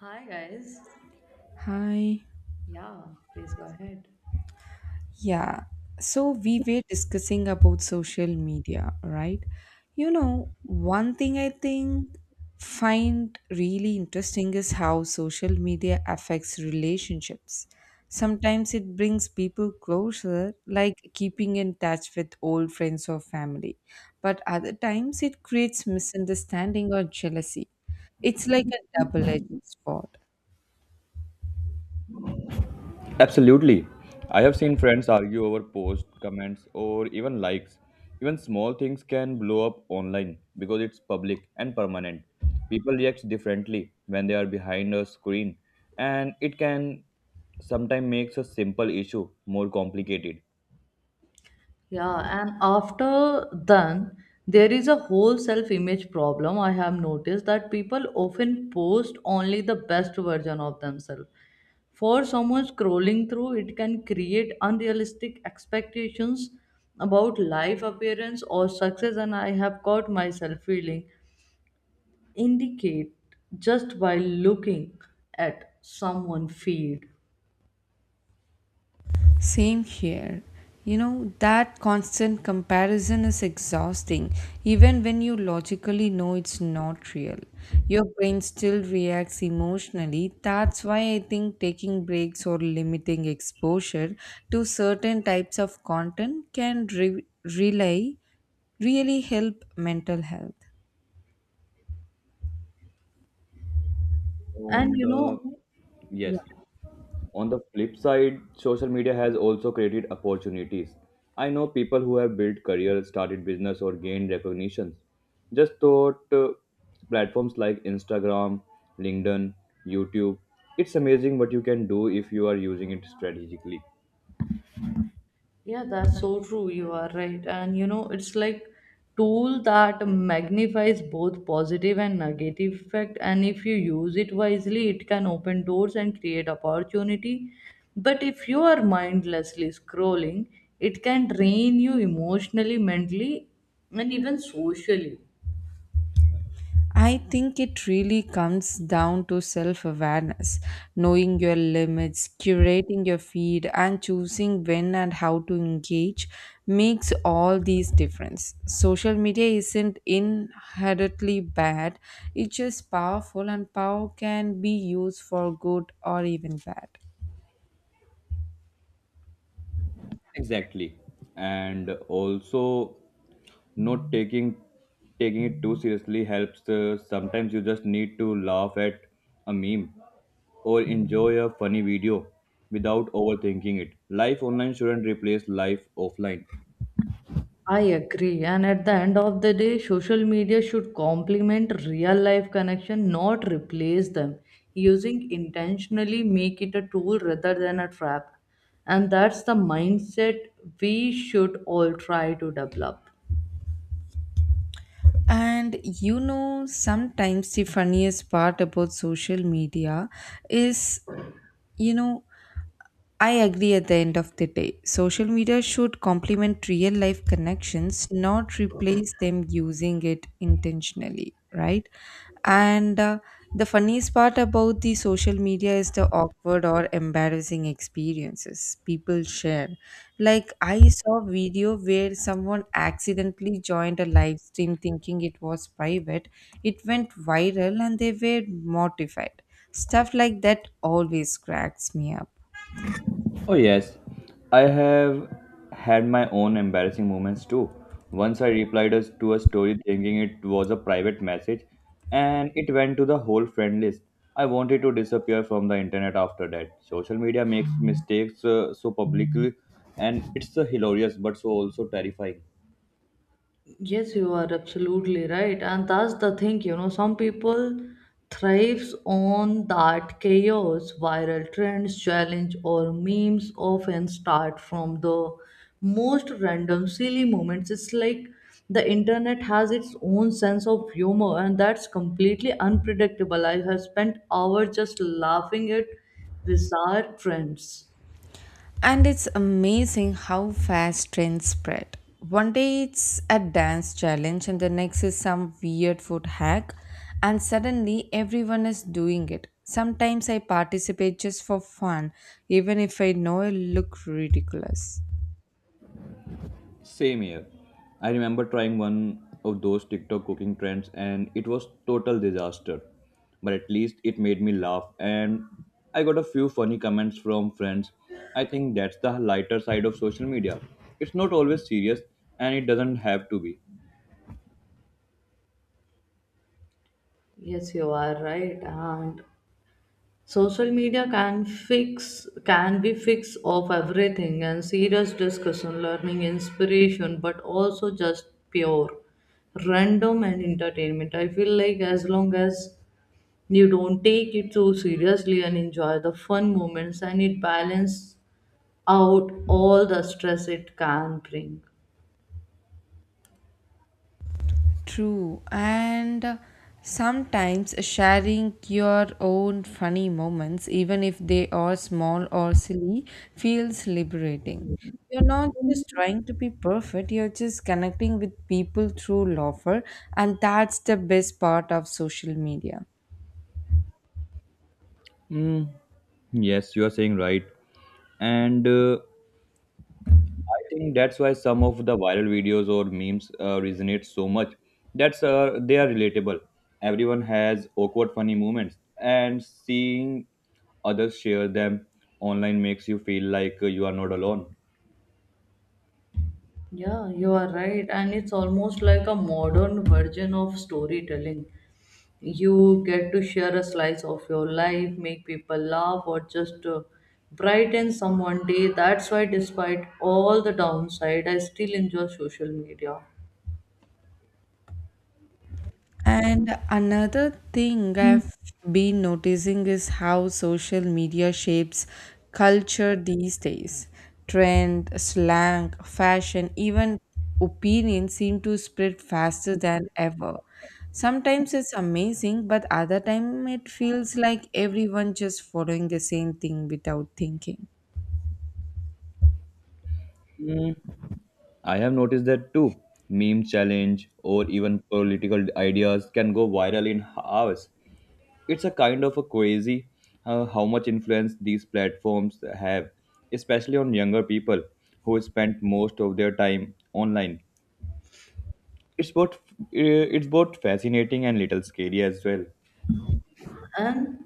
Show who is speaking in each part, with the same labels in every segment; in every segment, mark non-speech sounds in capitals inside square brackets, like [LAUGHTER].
Speaker 1: Hi guys.
Speaker 2: Hi.
Speaker 1: Yeah, please go ahead.
Speaker 2: Yeah. So we were discussing about social media, right? You know, one thing I think find really interesting is how social media affects relationships. Sometimes it brings people closer, like keeping in touch with old friends or family. But other times it creates misunderstanding or jealousy. It's like a double-edged sword.
Speaker 3: Absolutely. I have seen friends argue over posts, comments, or even likes. Even small things can blow up online because it's public and permanent. People react differently when they are behind a screen, and it can sometimes makes a simple issue more complicated.
Speaker 1: Yeah, and after then there is a whole self-image problem. I have noticed that people often post only the best version of themselves. For someone scrolling through, it can create unrealistic expectations about life appearance or success, and I have caught myself feeling indicate just by looking at someone feed.
Speaker 2: Same here. You know, that constant comparison is exhausting, even when you logically know it's not real. Your brain still reacts emotionally. That's why I think taking breaks or limiting exposure to certain types of content can really help mental health.
Speaker 1: And
Speaker 3: On
Speaker 1: you know,
Speaker 3: the
Speaker 1: yeah.
Speaker 3: Yes. On the flip side, social media has also created opportunities. I know people who have built careers, started business, or gained recognitions just thought platforms like Instagram, LinkedIn, YouTube. It's amazing what you can do if you are using it strategically.
Speaker 1: Yeah, that's so true. You are right. And you know, it's like tool that magnifies both positive and negative effect. And if you use it wisely, it can open doors and create opportunity. But if you are mindlessly scrolling, it can drain you emotionally, mentally, and even socially.
Speaker 2: I think it really comes down to self awareness, knowing your limits, curating your feed, and choosing when and how to engage makes all these difference. Social media isn't inherently bad, it's just powerful, and power can be used for good or even bad.
Speaker 3: Exactly. And also not taking it too seriously helps. Sometimes you just need to laugh at a meme or enjoy a funny video without overthinking it. Life online shouldn't replace life offline.
Speaker 1: I agree. And at the end of the day, social media should complement real life connection, not replace them. Using intentionally make it a tool rather than a trap. And that's the mindset we should all try to develop.
Speaker 2: And you know, sometimes the funniest part about social media is, you know, I agree at the end of the day. Social media should complement real life connections, not replace them using it intentionally, right? And The funniest part about the social media is the awkward or embarrassing experiences people share. Like I saw a video where someone accidentally joined a live stream thinking it was private. It went viral and they were mortified. Stuff like that always cracks me up.
Speaker 3: Oh, yes. I have had my own embarrassing moments too. Once I replied to a story thinking it was a private message, and it went to the whole friend list. I wanted to disappear from the internet after that. Social media makes mistakes so publicly, and it's hilarious but so also terrifying.
Speaker 1: Yes, you are absolutely right. And that's the thing, you know, some people thrives on that chaos. Viral trends, challenge or memes often start from the most random silly moments. It's like the internet has its own sense of humor and that's completely unpredictable. I have spent hours just laughing at bizarre trends.
Speaker 2: And it's amazing how fast trends spread. One day it's a dance challenge, and the next is some weird food hack, and suddenly everyone is doing it. Sometimes I participate just for fun, even if I know I look ridiculous.
Speaker 3: Same here. I remember trying one of those TikTok cooking trends and it was total disaster. But at least it made me laugh and I got a few funny comments from friends. I think that's the lighter side of social media. It's not always serious and it doesn't have to be.
Speaker 1: Yes, you are right. And social media can fix can be fix of everything and serious discussion, learning, inspiration, but also just pure random and entertainment. I feel like as long as you don't take it too seriously and enjoy the fun moments and it balance out all the stress it can bring.
Speaker 2: True, and sometimes sharing your own funny moments, even if they are small or silly, feels liberating. You're not just trying to be perfect, you're just connecting with people through laughter, and that's the best part of social media.
Speaker 3: Mm, yes, you are saying right. And I think that's why some of the viral videos or memes resonate so much. That's They are relatable. Everyone has awkward, funny moments, and seeing others share them online makes you feel like you are not alone.
Speaker 1: Yeah, you are right. And it's almost like a modern version of storytelling. You get to share a slice of your life, make people laugh, or just brighten someone's day. That's why, despite all the downside, I still enjoy social media.
Speaker 2: And another thing I've been noticing is how social media shapes culture these days. Trend, slang, fashion, even opinions seem to spread faster than ever. Sometimes it's amazing, but other time it feels like everyone just following the same thing without thinking.
Speaker 3: Mm, I have noticed that too. Meme challenge or even political ideas can go viral in hours. It's a kind of a crazy how much influence these platforms have, especially on younger people who spend most of their time online. It's both fascinating and little scary as well.
Speaker 1: And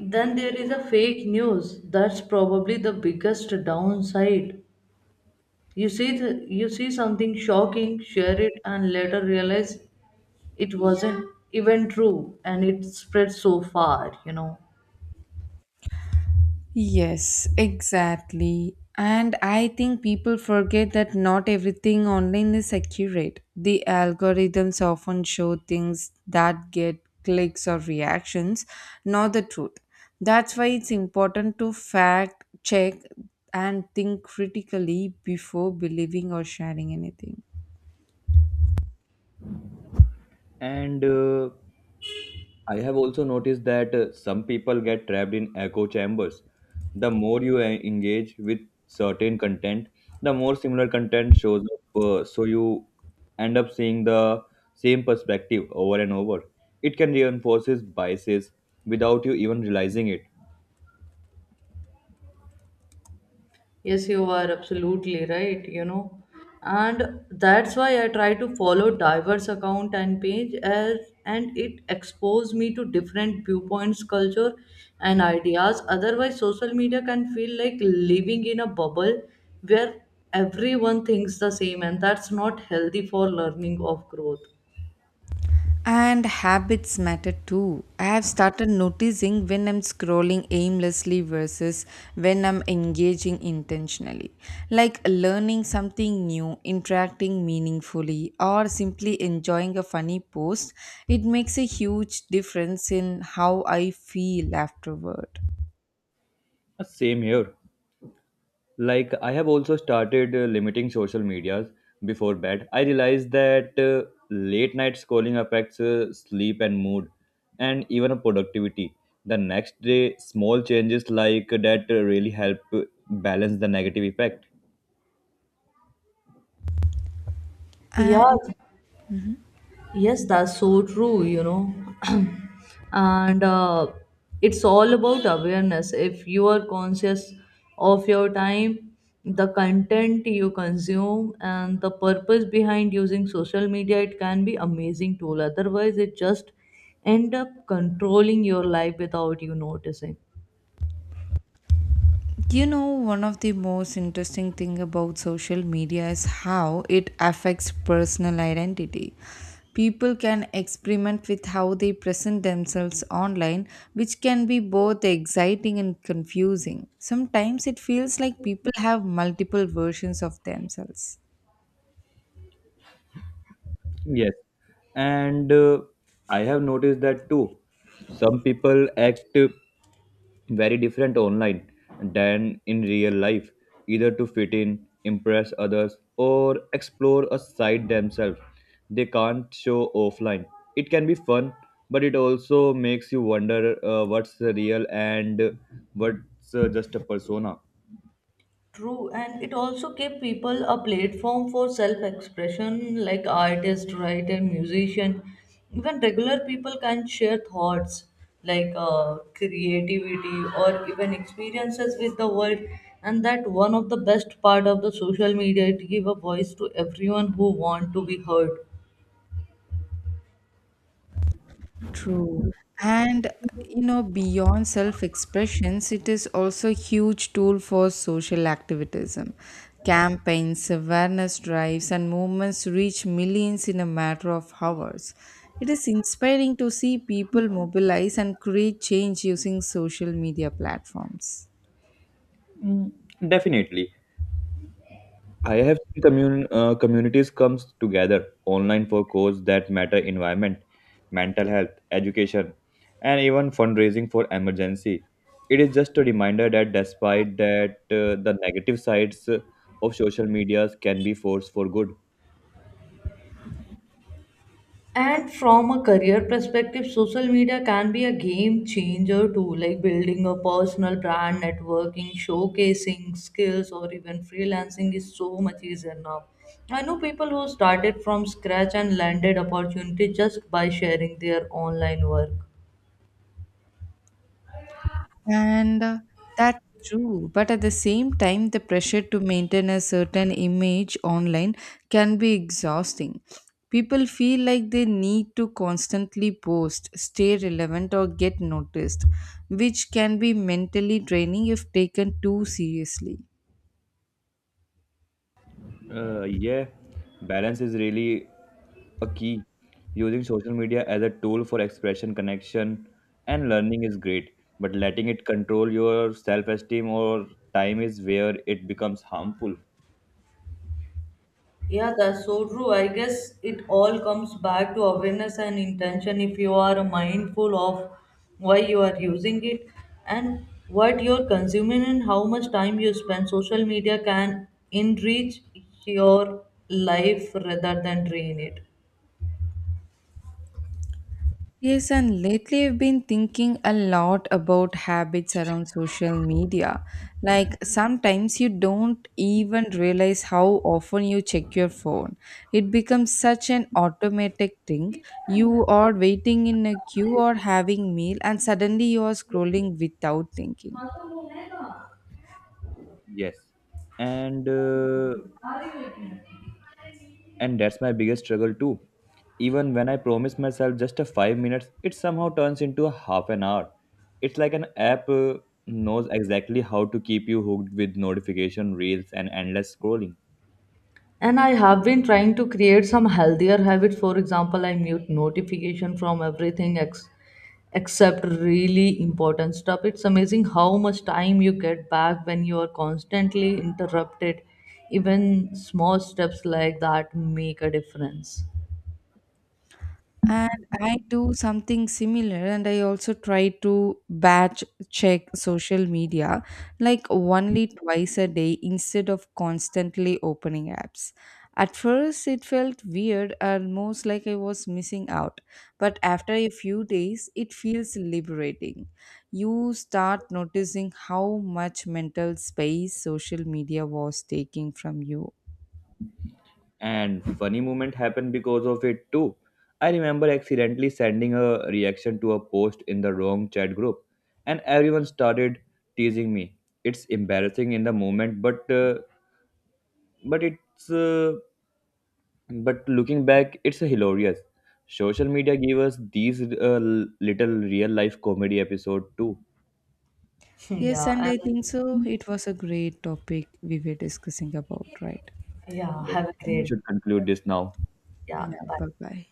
Speaker 1: then there is a fake news. That's probably the biggest downside. You see the, you see something shocking, share it, and later realize it wasn't even true, and it spread so far. You know.
Speaker 2: Yes, exactly. And I think people forget that not everything online is accurate. The algorithms often show things that get clicks or reactions, not the truth. That's why it's important to fact check and think critically before believing or sharing anything.
Speaker 3: And I have also noticed that some people get trapped in echo chambers. The more you engage with certain content, the more similar content shows up. So you end up seeing the same perspective over and over. It can reinforces biases without you even realizing it.
Speaker 1: Yes, you are absolutely right, you know. And that's why I try to follow diverse account and page as and it expose me to different viewpoints, culture and ideas. Otherwise, social media can feel like living in a bubble where everyone thinks the same and that's not healthy for learning of growth.
Speaker 2: And habits matter too. I have started noticing when I'm scrolling aimlessly versus when I'm engaging intentionally. Like learning something new, interacting meaningfully, or simply enjoying a funny post, it makes a huge difference in how I feel afterward.
Speaker 3: Same here. Like I have also started limiting social medias before bed. I realized that late night scrolling affects sleep and mood, and even productivity the next day. Small changes like that really help balance the negative effect.
Speaker 2: And
Speaker 1: Yes. Yes, that's so true, you know. [CLEARS THROAT] And it's all about awareness. If you are conscious of your time, the content you consume, and the purpose behind using social media, it can be amazing tool. Otherwise, it just end up controlling your life without you noticing.
Speaker 2: You know, one of the most interesting thing about social media is how it affects personal identity. People can experiment with how they present themselves online, which can be both exciting and confusing. Sometimes it feels like people have multiple versions of themselves.
Speaker 3: Yes, and I have noticed that too. Some people act very different online than in real life, either to fit in, impress others, or explore a side themselves they can't show offline. It can be fun, but it also makes you wonder what's real and what's just a persona.
Speaker 1: True, and it also gave people a platform for self expression like artist, writer, musician. Even regular people can share thoughts like creativity or even experiences with the world. And that one of the best part of the social media, it give a voice to everyone who want to be heard.
Speaker 2: True. And you know, beyond self-expressions, it is also a huge tool for social activism. Campaigns, awareness drives, and movements reach millions in a matter of hours. It is inspiring to see people mobilize and create change using social media platforms.
Speaker 3: Mm, definitely. I have seen communities comes together online for causes that matter environment, mental health, education, and even fundraising for emergency. It is just a reminder that despite that the negative sides of social medias can be force for good.
Speaker 1: And from a career perspective, social media can be a game changer too, like building a personal brand, networking, showcasing skills, or even freelancing is so much easier now. I know people who started from scratch and landed opportunity just by sharing their online work.
Speaker 2: And that's true. But at the same time, the pressure to maintain a certain image online can be exhausting. People feel like they need to constantly post, stay relevant, or get noticed, which can be mentally draining if taken too seriously.
Speaker 3: Yeah, balance is really a key. Using social media as a tool for expression, connection, and learning is great, but letting it control your self esteem or time is where it becomes harmful.
Speaker 1: Yeah, that's so true. I guess it all comes back to awareness and intention if you are mindful of why you are using it and what you're consuming and how much time you spend. Social media can enrich your life rather than drain it.
Speaker 2: Yes, and lately I've been thinking a lot about habits around social media. Like sometimes you don't even realize how often you check your phone. It becomes such an automatic thing. You are waiting in a queue or having meal and suddenly you are scrolling without thinking.
Speaker 3: Yes, and and that's my biggest struggle too. Even when I promise myself just a 5 minutes, it somehow turns into a half an hour. It's like an app knows exactly how to keep you hooked with notification reels and endless scrolling.
Speaker 1: And I have been trying to create some healthier habits, for example I mute notification from everything ex- except really important stuff. It's amazing how much time you get back when you are constantly interrupted. Even small steps like that make a difference.
Speaker 2: And I do something similar, and I also try to batch check social media like only twice a day instead of constantly opening apps. At first, it felt weird, almost like I was missing out. But after a few days, it feels liberating. You start noticing how much mental space social media was taking from you.
Speaker 3: And funny moment happened because of it too. I remember accidentally sending a reaction to a post in the wrong chat group, and everyone started teasing me. It's embarrassing in the moment, but it's uh, but looking back, it's hilarious. Social media gave us these little real life comedy episode too.
Speaker 1: [LAUGHS] Yeah,
Speaker 2: Yes, and
Speaker 1: and
Speaker 2: I think so. It was a great topic we were discussing about, right?
Speaker 1: yeah,
Speaker 3: Yes,
Speaker 1: have a
Speaker 3: and we
Speaker 1: great
Speaker 3: should conclude this now.
Speaker 1: yeah.
Speaker 2: Yeah,
Speaker 1: Bye.
Speaker 2: bye bye.